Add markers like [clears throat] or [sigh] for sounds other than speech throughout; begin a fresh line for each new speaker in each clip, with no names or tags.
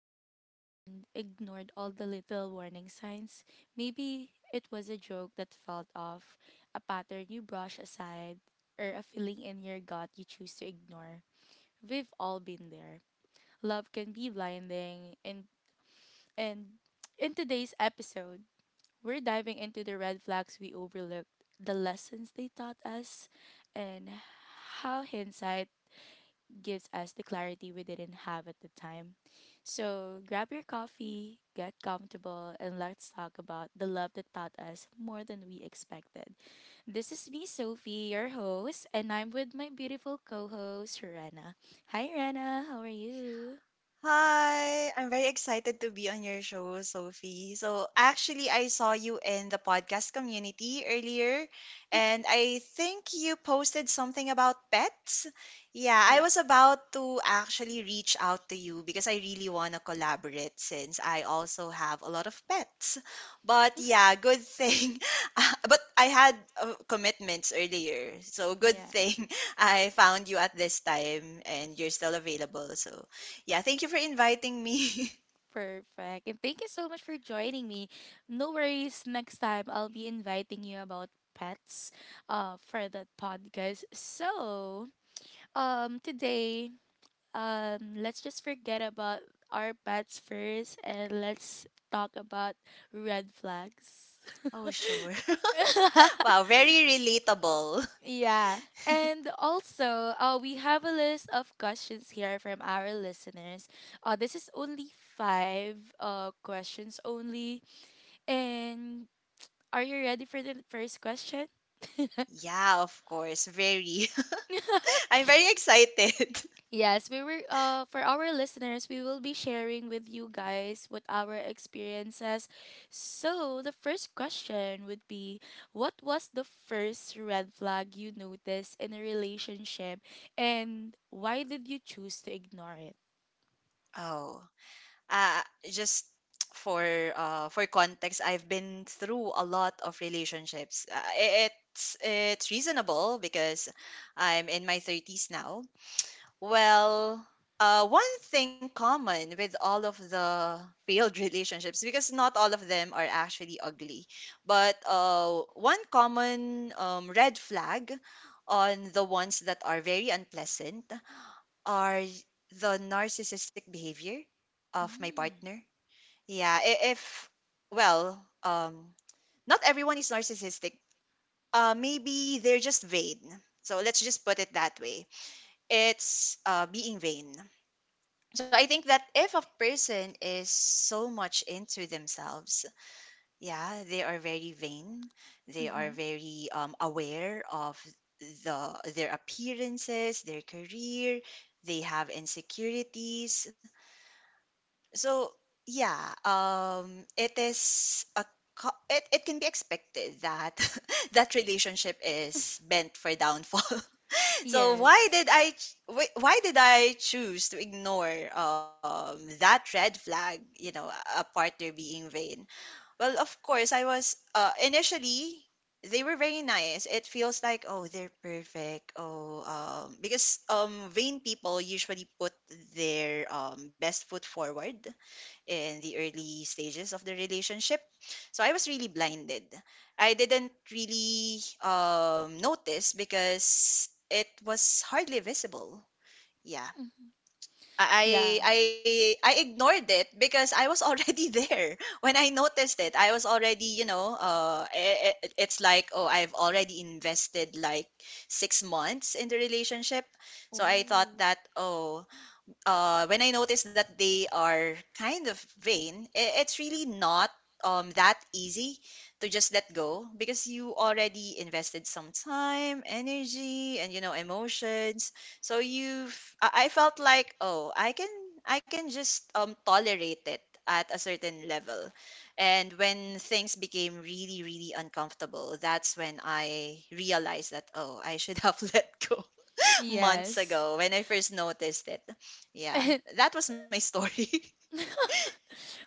love and ignored all the little warning signs? Maybe it was a joke that felt off, a pattern you brush aside, or a feeling in your gut you choose to ignore. We've all been there. Love can be blinding and in today's episode, we're diving into the red flags we overlooked, the lessons they taught us, and how hindsight gives us the clarity we didn't have at the time. So grab your coffee, get comfortable, and let's talk about the love that taught us more than we expected. This is me, Sophie, your host, and I'm with my beautiful co host, Rena. Hi, Rena, how are you?
Hi, I'm very excited to be on your show, Sophie. So, actually, I saw you in the podcast community earlier, and I think you posted something about pets. Yeah, I
Yeah.
was about to actually reach out to you because I really want to collaborate since I also have a lot of pets. But yeah, good thing. [laughs] But I had commitments earlier, so good
Yeah.
thing [laughs] I found you at this time and you're still available. So, yeah, thank you for inviting me. [laughs]
Perfect. And thank you so much for joining me. No worries, next time I'll be inviting you about pets for that podcast. So, today, let's just forget about our pets first and let's talk about red flags.
Oh, sure. [laughs] Wow,
[laughs]
very relatable.
Yeah. And also, we have a list of questions here from our listeners. This is only five questions only. And are you ready for the first question?
[laughs]
[laughs]
Yeah, of course, very. [laughs] I'm very excited. [laughs]
Yes, we were for our listeners, we will be sharing with you guys what our experiences. So, the first question would be, what was the first red flag you noticed in a relationship and why did you choose to ignore it?
Oh, uh, just [tsk] for for context, I've been through a lot of relationships. It's reasonable because I'm in my 30s now. Well, One thing common with all of the failed [laughs] relationships, because not all of them are actually ugly, but one common red flag on the ones that are very unpleasant are the narcissistic behavior of my
Mm.
partner. Yeah, I- if, well, Not everyone is narcissistic. Maybe they're just vain. So let's just put it that way. It's being vain, so I think that if a person is so much into themselves, yeah, they are very vain. They are
Mm-hmm.
very aware of their appearances, their career. They have insecurities. So yeah, it is a it can be expected that [laughs] that relationship is bent for downfall. So why
Yes.
did I choose to ignore that red flag, you know, a partner being vain? Well, of course, I was initially they were very nice. It feels like, oh, they're perfect. Oh, because vain people usually put their best foot forward in the early stages of the relationship. So I was really blinded. I didn't really notice because it was hardly visible. Yeah.
Mm. Yeah.
I I I I ignored it because I was already [laughs] there when I noticed it. I was already, you know, it's like, oh, I've already invested like 6 months in the relationship, so I thought
Oh.
that, oh, when I notice that they are kind of vain, it's really not that easy to just let go because you already invested some time, energy, and, you know, emotions. So you've I felt like, oh, I can just tolerate it at a certain level, and when things became really really uncomfortable, that's when I realized that, oh, I should have [laughs] let go months
Yes.
ago when I first noticed it. Yeah,
[laughs]
that was my story.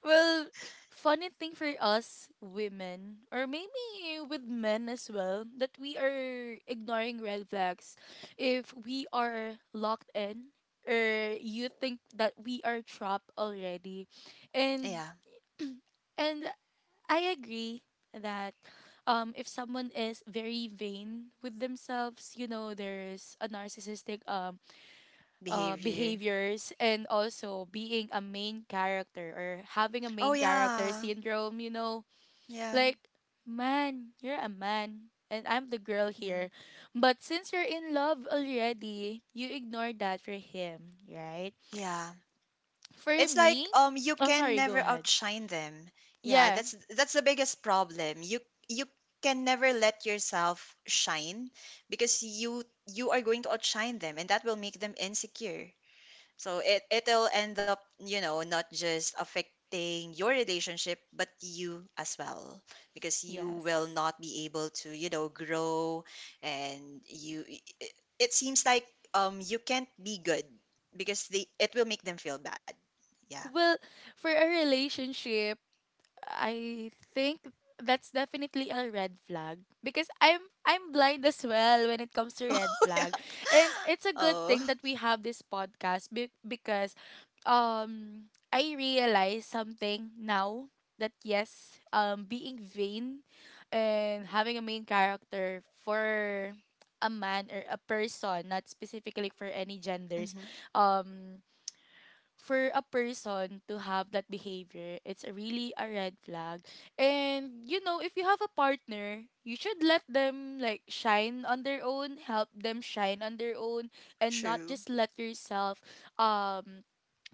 Well, funny thing for us women, or maybe with men as well, that we are ignoring red flags if we are locked in or you think that we are trapped already.
[laughs]
And
Yeah,
[clears throat] and I agree that if someone is very vain with themselves, you know, there's a narcissistic
behavior.
behaviors, and also being a main character or having a
Oh
main character
yeah,
syndrome, you know?
yeah,
Like, man, you're a man and I'm the girl here.
yeah,
But since you're in love already, you ignore that for him, right?
yeah.
For
It's like,
me,
you
oh,
can
sorry, go
never
ahead.
outshine them. Yeah,
Yeah,
that's the biggest problem. You can never let yourself shine because you are going to outshine them, and that will make them insecure. So it it'll end up, you know, not just affecting your relationship, but you as well, because you will
yes.
not be able to, you know, grow, and you. I- It seems like you can't be good because they it will make them feel bad. Yeah.
Well, for a relationship, I think that's definitely a red flag because I'm blind as well when it comes to red
[laughs] Yeah.
flag. And it's a good
Oh.
thing that we have this podcast because um I realize something now that yes, being vain and having a main character for a man or a person, not specifically for any genders,
Mm-hmm.
um for a person to have that behavior, it's a really a red flag. And you know, if you have a partner, you should let them like shine on their own, help them shine on their own, and not
True.
just let yourself um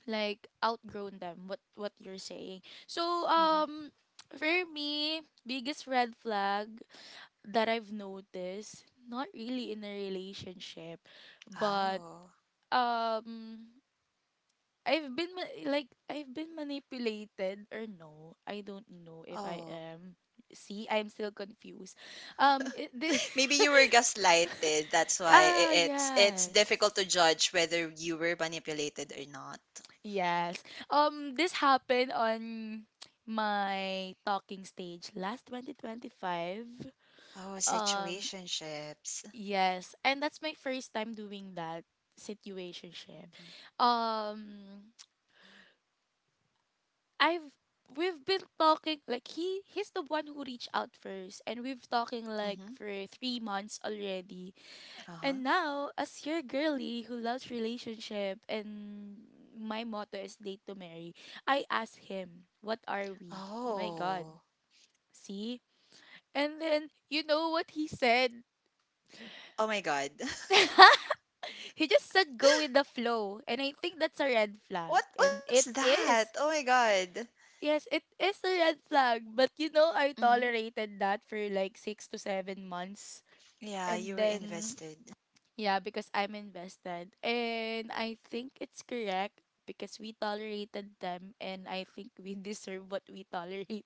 like outgrown them. What you're saying. So
Mm-hmm.
for me, biggest red flag that I've noticed, not really in a relationship, but
Oh.
um I've been like I've been manipulated or no. I don't know if I
Oh.
am. See, I'm still confused. Um it, thi- [laughs]
Maybe you were gaslighted. That's why
Ah,
it's difficult
yes.
to judge whether you were manipulated or not.
Yes. This happened on my talking stage last 2025.
Oh,
Um
situationships.
yes, and that's my first time doing that situationship.
Mhm.
Um I've we've been talking like he's the one who reached out first and we've talking like
Mhm.
for 3 months already. And
Uh-huh.
now as your girly who loves relationship and my motto is date to marry, I asked him, "What are we?" Oh my god.
Oh.
See? And then you know what he said?
Oh my God. [laughs]
[laughs] He just said go with the flow and I think that's a red flag
What
and
what's
it
that?
is.
Oh my God.
Yes, it is a red flag, but you know, I
Mhm.
tolerated that for like 6 to 7 months.
Yeah,
And
you were
then,
invested. [laughs]
yeah, because I'm invested. And I think it's correct because we tolerated them and I think we [laughs] deserve what we tolerate.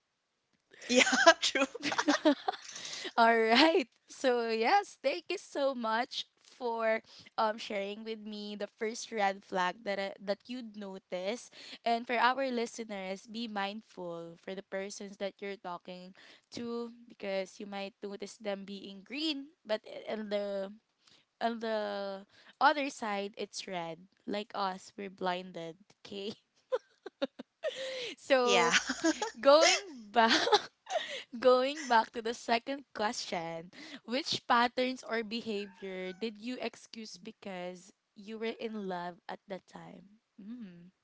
Yeah, [laughs] true.
[laughs] All right. [laughs] So yes, thank you so much for sharing with me the first red flag that that you'd notice. And for our listeners, be mindful for the persons that you're talking to because you might notice them being green, but on the other side it's red. Like us, we're blinded, okay? [laughs]
Yeah.
So,
[laughs]
going back going back to the second question, which patterns or behavior did you excuse because you were in love at that time? Mm,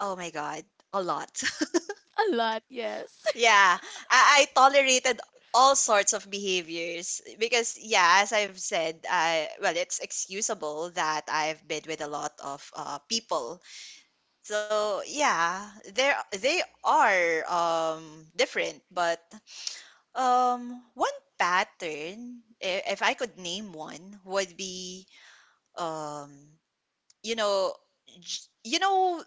Oh my God. A lot. [laughs]
a lot, yes.
Yeah. I tolerated all sorts of behaviors because, yeah, as I've said, it's excusable that I've been with a lot of people. So yeah, there they are different, but one pattern, if I could name one, would be um you know you know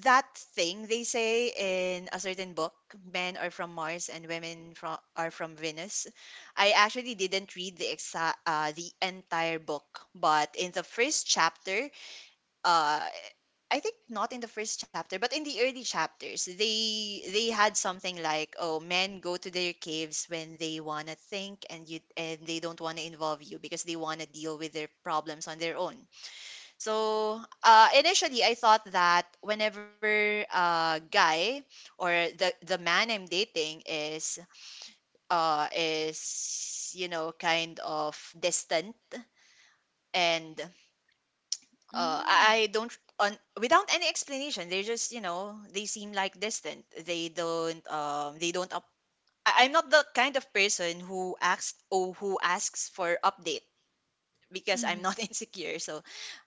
that thing they say in a certain book, men are from Mars and women from are from Venus. I actually didn't read the exact the entire book, but in the first chapter, uh, I think not in the first chapter, but in the early chapters, they had something like, "Oh, men go to their caves when they wanna think, and you and they don't wanna involve you because they wanna deal with their problems on their own." So initially, I thought that whenever guy or the man I'm dating is you know kind of distant, and
[laughs] Mm, hmm.
I don't on without any explanation. They're just, you know, they seem like distant. They don't up. I'm not the kind of person who asks for updates because I'm
Mm-hmm.
not [laughs] insecure. So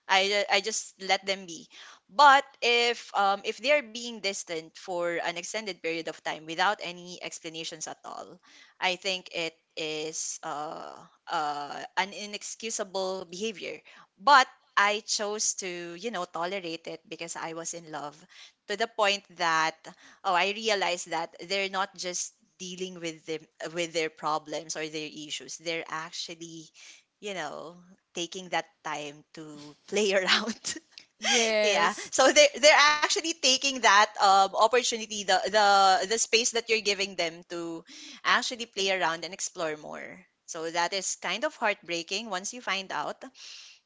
I just let them be. But if they are being distant for an extended period of time without any explanations at all, I think it is an inexcusable behavior. But I chose to, you know, tolerate it because I was in love, to the point that, oh, I realized that they're not just dealing with them with their problems or their issues. They're actually, you know, taking that time to play around. [laughs] Yeah.
Yes.
So they're actually taking that opportunity, the space that you're giving them to actually play around and explore more. So that is kind of heartbreaking once you find out.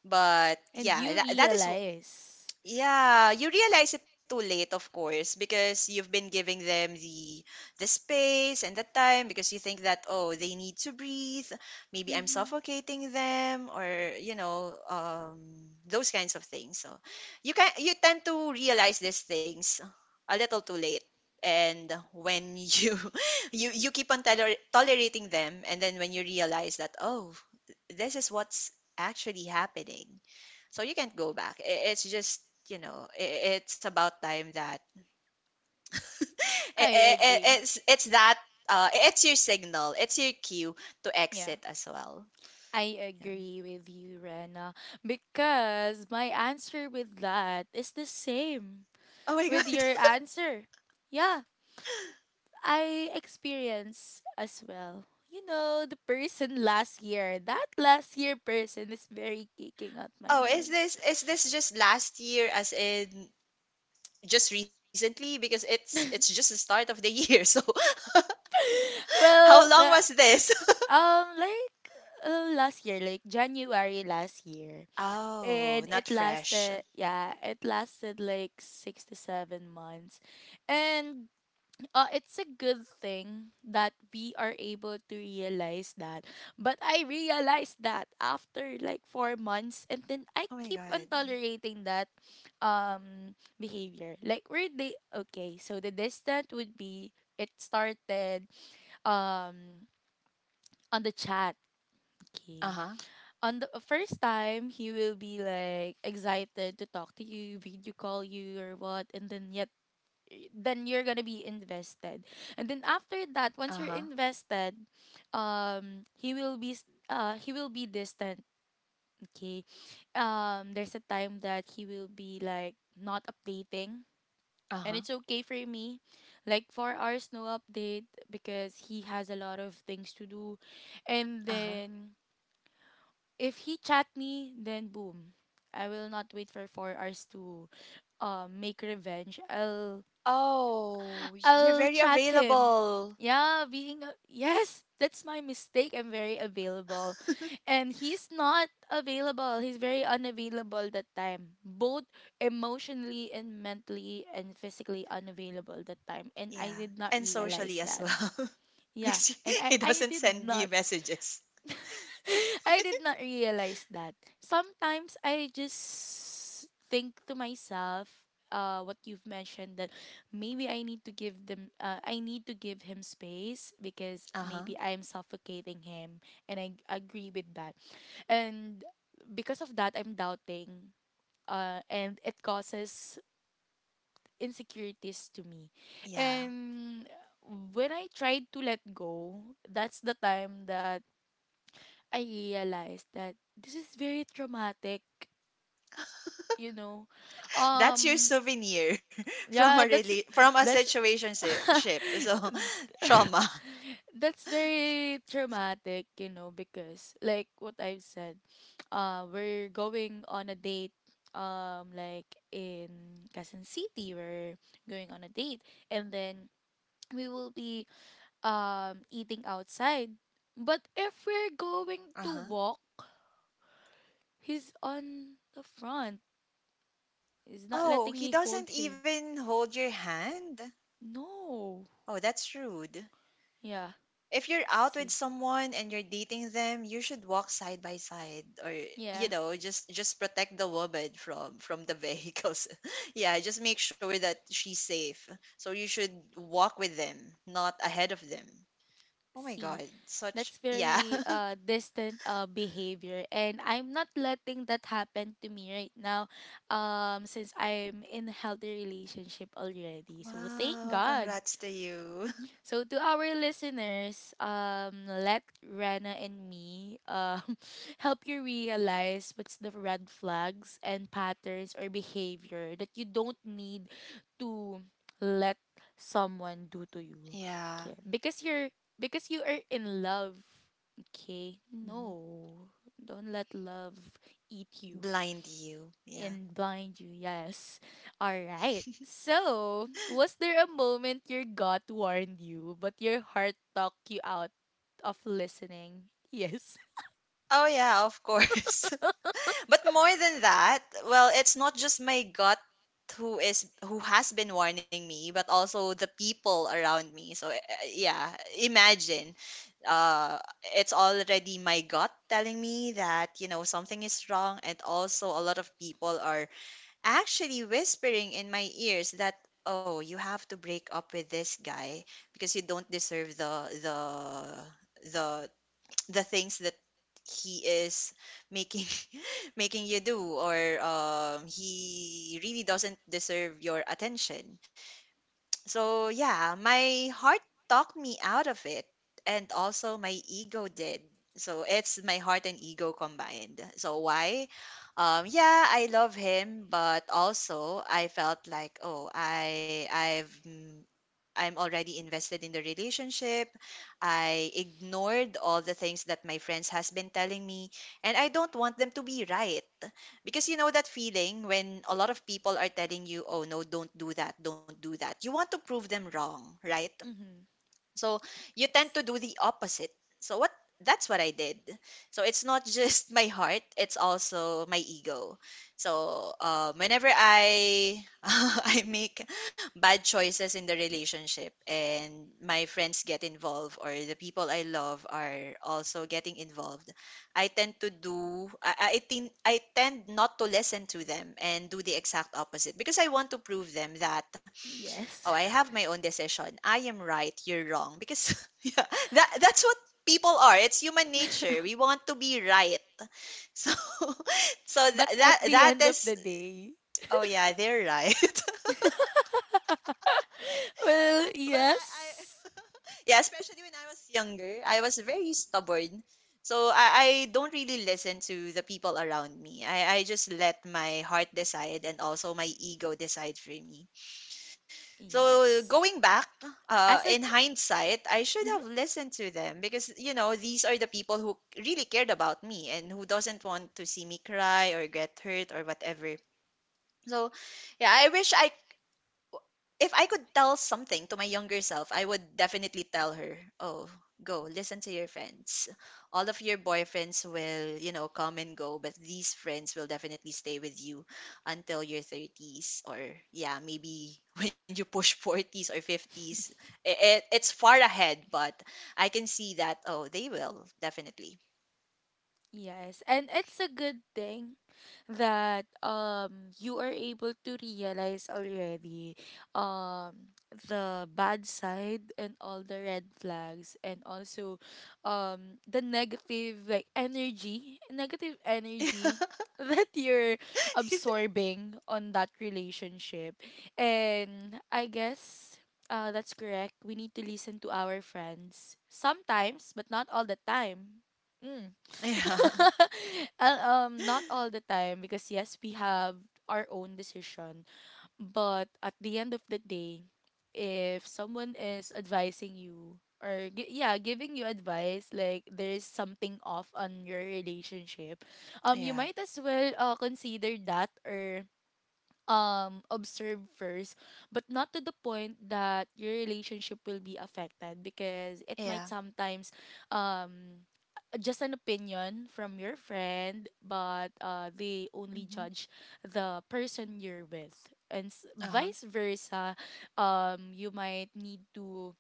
But
And
yeah,
you
that is,
realize.
yeah, you realize it too late, of course, because you've been giving them the space and the time because you think that, oh, they need to breathe. Maybe I'm
Mm-hmm.
suffocating them, or, you know, those kinds of things. So you tend to realize these things a little too late, and when you [laughs] you keep on tolerating them, and then when you realize that, oh, this is what's actually happening, so you can't go back. I- It's just, you know, it's about time that [laughs]
I agree.
it's that it's your signal, it's your cue to
Yeah.
exit as well.
I
Yeah.
agree with you, Rena, because my answer with that is the same
Oh my [laughs]
with
God.
your answer. Yeah, I experience as well. You know, the person last year, that last year person is very kicking out my
Oh, is
nerves.
this just last year, as in just recently, because it's just the start of the year. [laughs] So how long
Well,
was this? [laughs]
like last year, like January last year,
Oh,
and
not
it
fresh.
lasted, yeah, it lasted like 6 to 7 months, and it's a good thing that we are able to realize that. But I realized that after like 4 months, and then I
Oh my
keep on
god.
tolerating that behavior. Like where they okay, so the distant would be it started um on the chat. Okay.
Uh-huh.
On the first time, he will be like excited to talk to you, video call you, or what, and then yet then you're gonna be invested, and then after that once you're
Uh-huh.
invested he will be he will be distant, okay. There's a time that he will be like not updating, and
Uh-huh.
it's okay for me like 4 hours no update because he has a lot of things to do. And
Uh-huh.
then if he chat me then boom, I will not wait for 4 hours to make revenge
Oh, you're
I'll
very
chat him.
available.
Yeah, yes, that's my mistake. I'm very available.
[laughs]
And he's not available. He's very unavailable that time. Both emotionally and mentally and physically unavailable that time. And I
Yeah,
did not
and
realize
socially as
that.
well. [laughs] Because
Yeah, and I
he
I
doesn't
did
send you
not
messages.
[laughs] I did not realize that. Sometimes I just think to myself, what you've mentioned that maybe I need to give them, I need to give him space because maybe
Uh-huh.
I am suffocating him, and I agree with that. And because of that, I'm doubting, and it causes insecurities to me.
Yeah.
And when I tried to let go, that's the time that I realized that this is very traumatic, you know.
That's your
Um
souvenir [laughs]
yeah, that's
from a
that's
situationship. So [laughs] trauma.
[laughs] that's very traumatic, you know, because like what I've said, we're going on a date like in Quezon City, we're going on a date and then we will be eating outside. But if we're going to
Uh-huh.
walk, he's on the front. He's not
Oh,
letting
he
me
doesn't
hold him.
even hold your hand?
No.
Oh, that's rude.
Yeah.
If you're out with
See.
someone and you're dating them, you should walk side by side, or, you
Yeah.
know, just protect the woman from the vehicles. [laughs] Yeah, just make sure that she's safe. So you should walk with them, not ahead of them. Oh my
See.
god, such
That's
yeah. [laughs]
very distant behavior, and I'm not letting that happen to me right now. Since I'm in a healthy relationship already. So thank
Wow,
God.
congrats to you.
So to our listeners, let Rana and me [laughs] help you realize what's the red flags and patterns or behavior that you don't need to let someone do to you.
[laughs] Yeah.
Okay. Because you are in love. Okay.
Hmm.
No. Don't let love eat you
Blind you. Yeah.
and blind you. Yes. All right. So, was there a moment your gut warned you, but your heart talked you out of listening? Yes. [laughs]
Oh yeah, of course. [laughs] But more than that, well, it's not just my gut who has been warning me, but also the people around me. So yeah, imagine uh it's already my gut telling me that, you know, something is wrong, and also a lot of people are actually whispering in my ears that, oh, you have to break up with this guy because you don't deserve the things that he is making [laughs] making you do, or he really doesn't deserve your attention. So yeah, my heart talked me out of it, and also my ego did. So it's my heart and ego combined. So why yeah, I love him, but also I felt like, oh, I'm already invested in the relationship. I ignored all the things that my friends has been telling me, and I don't want them to be right. Because you know that feeling when a lot of people are telling you, "Oh no, don't do that, don't do that." You want to prove them wrong, right?
Mm-hmm.
So you
Yes.
tend to do the opposite. So what that's what I did. So it's not just [laughs] my heart, it's also my ego. So whenever I [laughs] I make bad choices in the relationship and my friends get involved, or the people I love are also getting involved, I tend to do I tend not to listen to them and do the exact opposite because I want to prove them that, oh, I
Yes.
have my own decision. I am right, you're wrong. Because [laughs] yeah, that's what people are. It's human nature.
[laughs]
We want to be right. So [laughs] so
But at the end
that
of
is,
the day,
oh yeah, they're right. [laughs]
[laughs] well,
I
yes.
[laughs] yeah, especially when I was younger, I was very stubborn. So I don't really listen to the people around me. I just let my heart decide and also my ego decide for me. So
Yes.
going back,
As a
in hindsight, I should have listened to them because you know these are the people who really cared about me and who doesn't want to see me cry or get hurt or whatever. So, yeah, I wish I if I could tell something to my younger self, I would definitely tell her, "Oh, go listen to your friends. All of your boyfriends will, come and go, but these friends will definitely stay with you until your 30s or yeah, maybe [laughs] when you push 40s or 50s. It's far ahead, but I can see that oh, they will definitely.
Yes, and it's a good thing that you are able to realize already um the bad side and all the red flags, and also the negative like energy, negative energy
[laughs]
[laughs] that you're absorbing on that relationship. And I guess that's correct. We need to listen to our friends sometimes, but not all the time. Mm.
Yeah.
[laughs] Not all the time because yes, we have our own decision, but at the end of the day, if someone is advising you or yeah, giving you advice like there is something off on your relationship, you
Yeah.
might as well consider that or observe first, but not to the point that your relationship will be affected because it might
Yeah.
sometimes um just an opinion from your friend, but they only
Mhm.
judge the person you're with and
Uh-huh.
vice versa. You might need to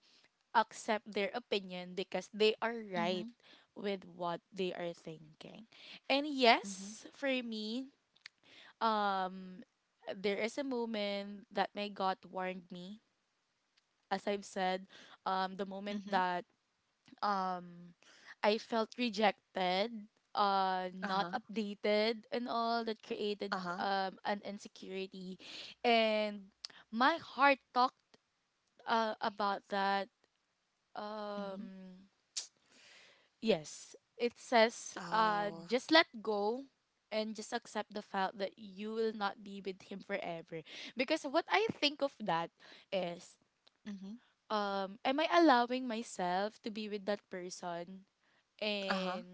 accept their opinion because they are
Mhm.
right with what they are thinking. And
Mhm.
yes, for me, um there is a moment that my God warned me. As I've said, the moment
Mhm.
that um I felt rejected, not
Uh-huh.
updated, and all that created
Uh-huh.
an insecurity, and my heart talked about that.
Mhm.
Um, Yes, it says,
Oh.
just let go and just accept the fact that you will not be with him forever. Because what I think of that is,
Mhm.
am I allowing myself to be with that person
Uh-huh.
and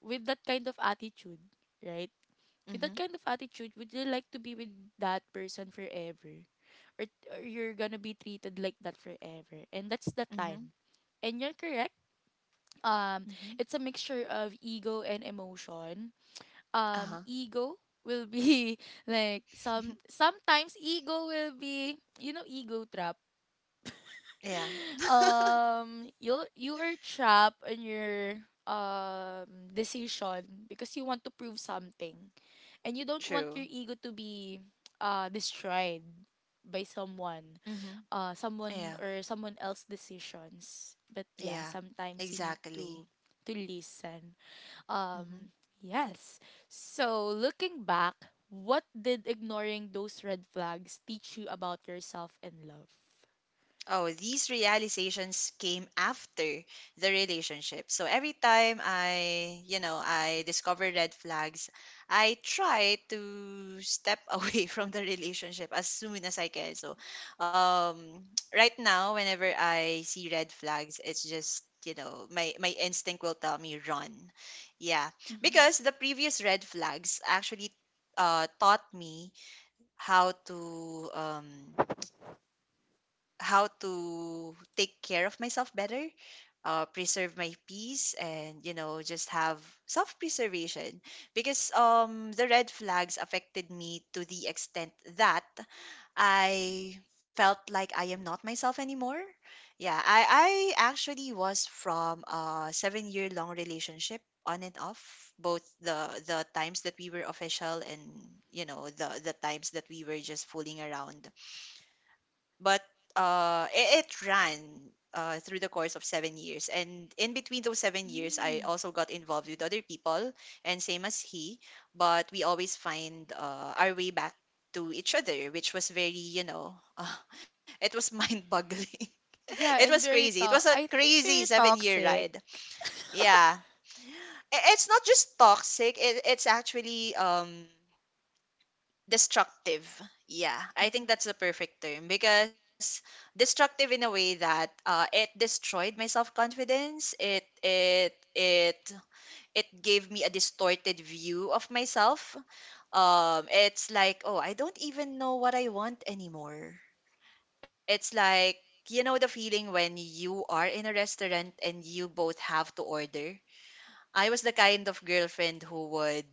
with that kind of attitude, right? With that
Mhm.
kind of attitude, would you like to be with that person forever? Or, or you're gonna be treated like that forever? And that's the
Mhm.
time. And you're correct, um
Mhm.
it's a mixture of ego and emotion.
Uh-huh.
Ego will be [laughs] like
[laughs]
sometimes ego will be, you know, ego trap.
Yeah,
You are trapped in your um decision because you want to prove something and you don't want
true.
your ego to be destroyed by someone,
Mhm. Yeah.
someone or someone else decisions. But yeah,
Yeah.
sometimes you need
Exactly.
to listen.
Mhm.
Um, yes. So, looking back, what did ignoring those red flags teach you about yourself and love?
Oh, these realizations came after the relationship. So every time I, you know, I discover red flags, I try to step [laughs] away from the relationship as soon as I can. So, um, [tsk] right now, whenever I see red flags, it's just you know my instinct will tell me run yeah because
Mm-hmm.
the previous red flags actually taught me how to um how to take care of myself better, preserve my peace, and you know, just have self preservation. Because the red flags affected me to the extent that I felt like I am not myself anymore. Yeah, I actually was from a 7 year long relationship on and off both the times that we were official and you know the times that we were just fooling around but it ran through the course of 7 years. And in between those 7 years, I
Mm.
also got involved with other people, and same as he, but we always find our way back to each other, which was very, [laughs] it was mind boggling. [laughs] It
Yeah,
was
and
crazy. It was a
I think
crazy
very
7 year ride.
toxic.
Yeah. It's not just toxic, it's actually destructive. Yeah, I think
Mm-hmm.
that's the perfect term because destructive in a way that it destroyed my self confidence. It gave me a distorted view of myself. It's like oh, I don't even know what I want anymore. It's like you know the feeling when you are in a restaurant and you both have to order. I was the kind of girlfriend who would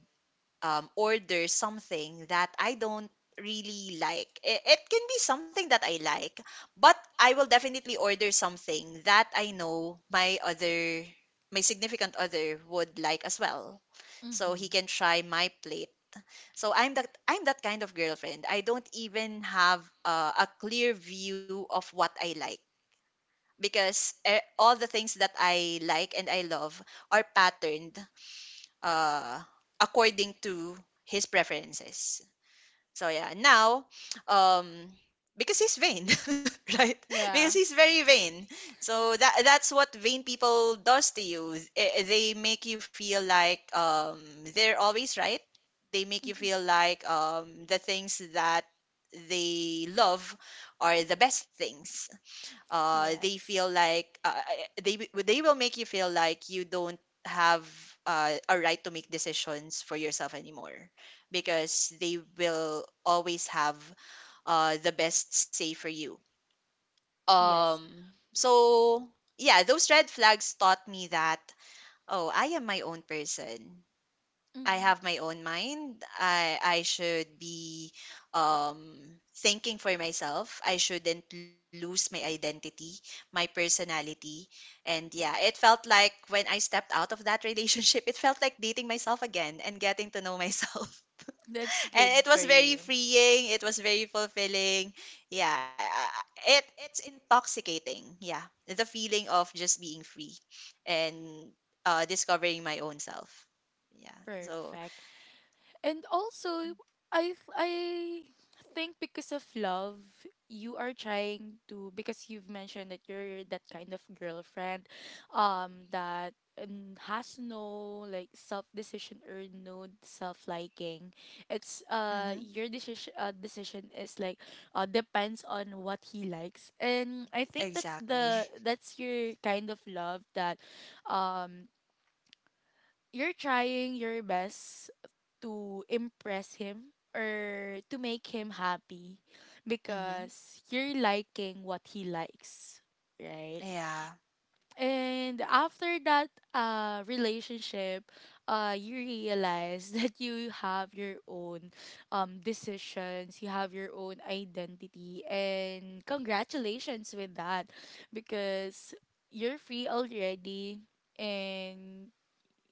order something that I don't really like. It can be something that I like, but I will definitely order something that I know my other, my significant other would like as well. So he
Mm-hmm.
can try my plate. So I'm that kind of girlfriend. I don't even have a clear view of what I like because all the things that I like and I love are patterned uh, according to his preferences. So yeah, now, um, because he's vain, [laughs] right? Because
Yeah.
he's very vain. So that's what vain people does to you. They make you feel like they're always right. They make you
Mm-hmm.
feel like the things that they love are the best things they
Yes.
feel like they will make you feel like you don't have a right to make decisions for yourself anymore because they will always have the best say for you
Yes.
um so yeah those red flags taught me that oh I am my own person. I
Mm-hmm.
have my own mind. I should be um thinking for myself. I shouldn't lose my identity, my personality. And yeah, it felt like when I stepped out of that [laughs] relationship, it felt like dating myself again and getting to know myself. [laughs]
That's
And it
good
was
for
very
you.
freeing, it was very fulfilling. Yeah, I- it it's intoxicating. Yeah. The feeling of just being free and discovering my own self. Yeah. So,
Perfect. And also, I think because of love, you are trying to, because you've mentioned that you're that kind of girlfriend, that has no like self decision or no self liking. It's
mhm.
your decision, decision is like depends on what he likes, and I think
Exactly. [laughs]
that's your kind of love that, um, you're trying your best to impress him or to make him happy
Mhm.
because you're liking what he likes, right?
Yeah.
And after that relationship, you realize [laughs] that you have your own decisions, you have your own identity, and congratulations with that because you're free already, and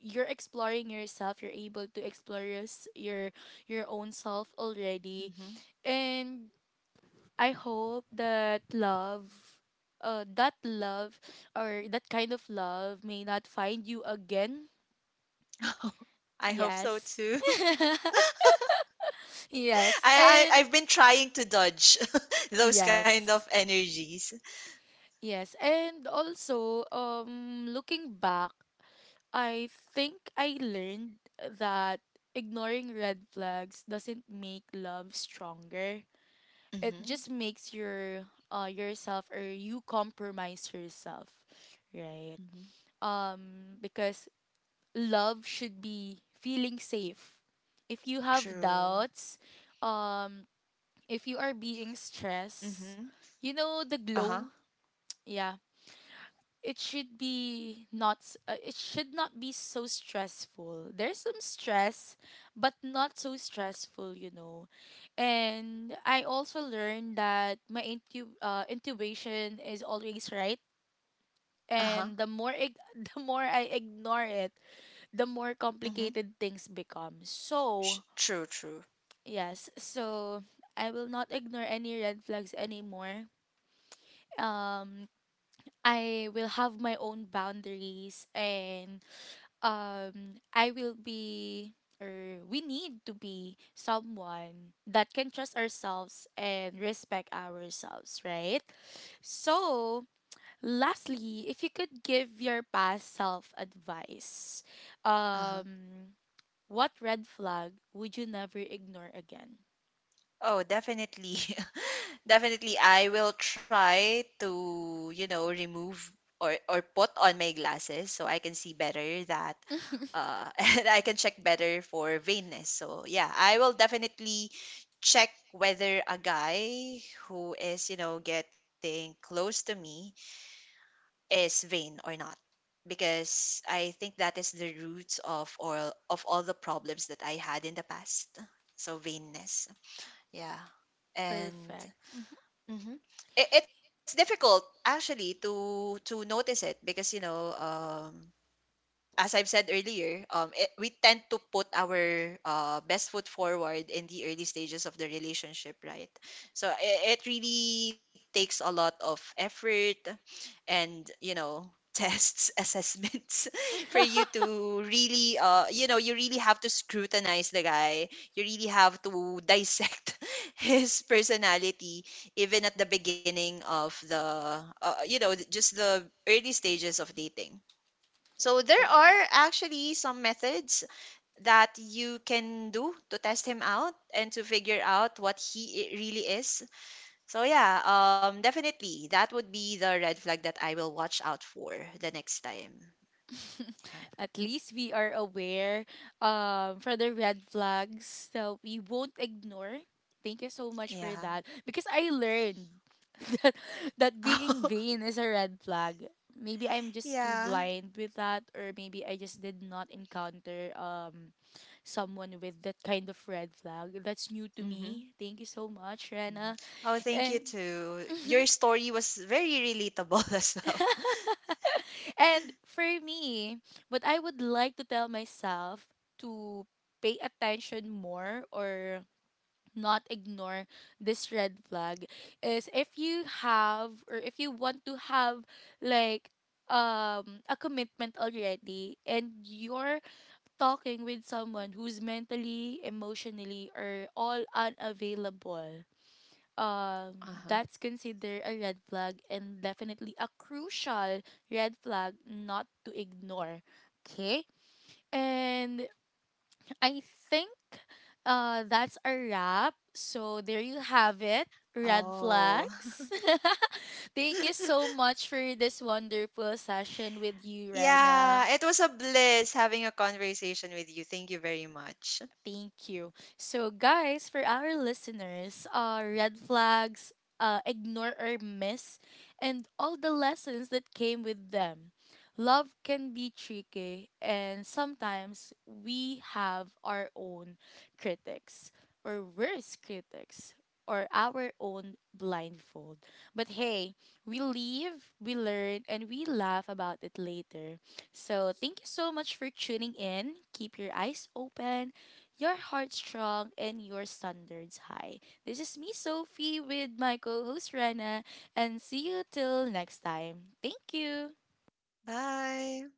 you're exploring yourself. You're able to explore your, your own self already.
Mhm.
And I hope that love that love, or that kind of love, may not find you again.
[laughs] I hope so
Yes.
too. [laughs]
[laughs] Yes. And
I've been trying to dodge [laughs] those kind of
yes.
energies.
Yes, and also looking back, I think I learned that ignoring red flags doesn't make love stronger. It
Mhm.
just makes your yourself, or you compromise yourself, right?
Mhm.
Um, because love should be feeling safe. If you have
True.
doubts, um, if you are being stressed,
Mhm.
you know, the
Uh-huh.
glow, yeah. It should not be so stressful. There's some stress, but not so stressful, you know. And I also learned that my intuition is always right,
Uh-huh.
and [laughs] the more I ignore it, the more
Mhm.
complicated things become. So,
True, true.
yes, so I will not ignore any red flags anymore. Um, I will have my own boundaries, and I will be, or we need to be, someone that can trust ourselves and respect ourselves, right? So, lastly, if you could give your past self advice,
Uh-huh.
um what red flag would you never ignore again?
Oh, definitely. [laughs] Definitely, I will try to, you know, remove or put on my glasses so I can see better that [laughs] and I can check better for veinness. So, yeah, I will definitely check whether a guy who is, you know, getting close to me is vain or not because I think that is the root of all the problems that I had in the past. So, vainness. Yeah. And
Perfect.
mhm. It's difficult actually to notice it because you know as I've said earlier it, we tend to put our best foot forward in the early stages of the relationship right so it really takes a lot of effort and you know tests [laughs] assessments [laughs] for you
[laughs]
to really you know you really have to scrutinize the guy. You really have to dissect [laughs] his personality even at the beginning of the you know just the early stages of dating. So there
Perfect.
are actually some methods that you can do to test him out and to figure out what he really is. So yeah, definitely that would be the red flag that I will watch out for the next time. Yeah,
[laughs] At least we are aware, for the red flags, so we won't ignore. Thank you so much for
yeah,
that. Because I learned [laughs] that, that being
[laughs]
vain is a red flag. Maybe I'm just too
yeah.
blind with that, or maybe I just did not encounter someone with that kind of red flag. That's new to
Mm-hmm.
me. Thank you so much, Rena.
Hmm. Oh, thank you
And [laughs]
too. Your story was very relatable [laughs] as well.
[laughs] and for me, what I would like to tell myself to pay attention more, or not ignore this red flag, is if you have, or if you want to have, like a commitment already, and you're talking with someone who's mentally, emotionally, or all unavailable, um
Uh-huh.
that's considered a red flag and definitely a crucial red flag not to ignore. Okay. And I think, uh, that's a wrap. So there you have it, red
Oh,
flags.
[laughs]
[laughs] Thank you so much for this wonderful session with you, Rena.
yeah. It was a bliss having a conversation with you. Thank you very much.
Thank you. So, guys, for our listeners, red flags, ignore or miss, and all the lessons that came with them. Love can be tricky, and sometimes we have our own critics, or worse critics, or our own blindfold. But hey, we live, we learn, and we laugh about it later. So, thank you so much for tuning in. Keep your eyes open, your heart strong, and your standards high. This is me, Sophie, with my co host Rana, and see you till next time. Thank you.
Bye.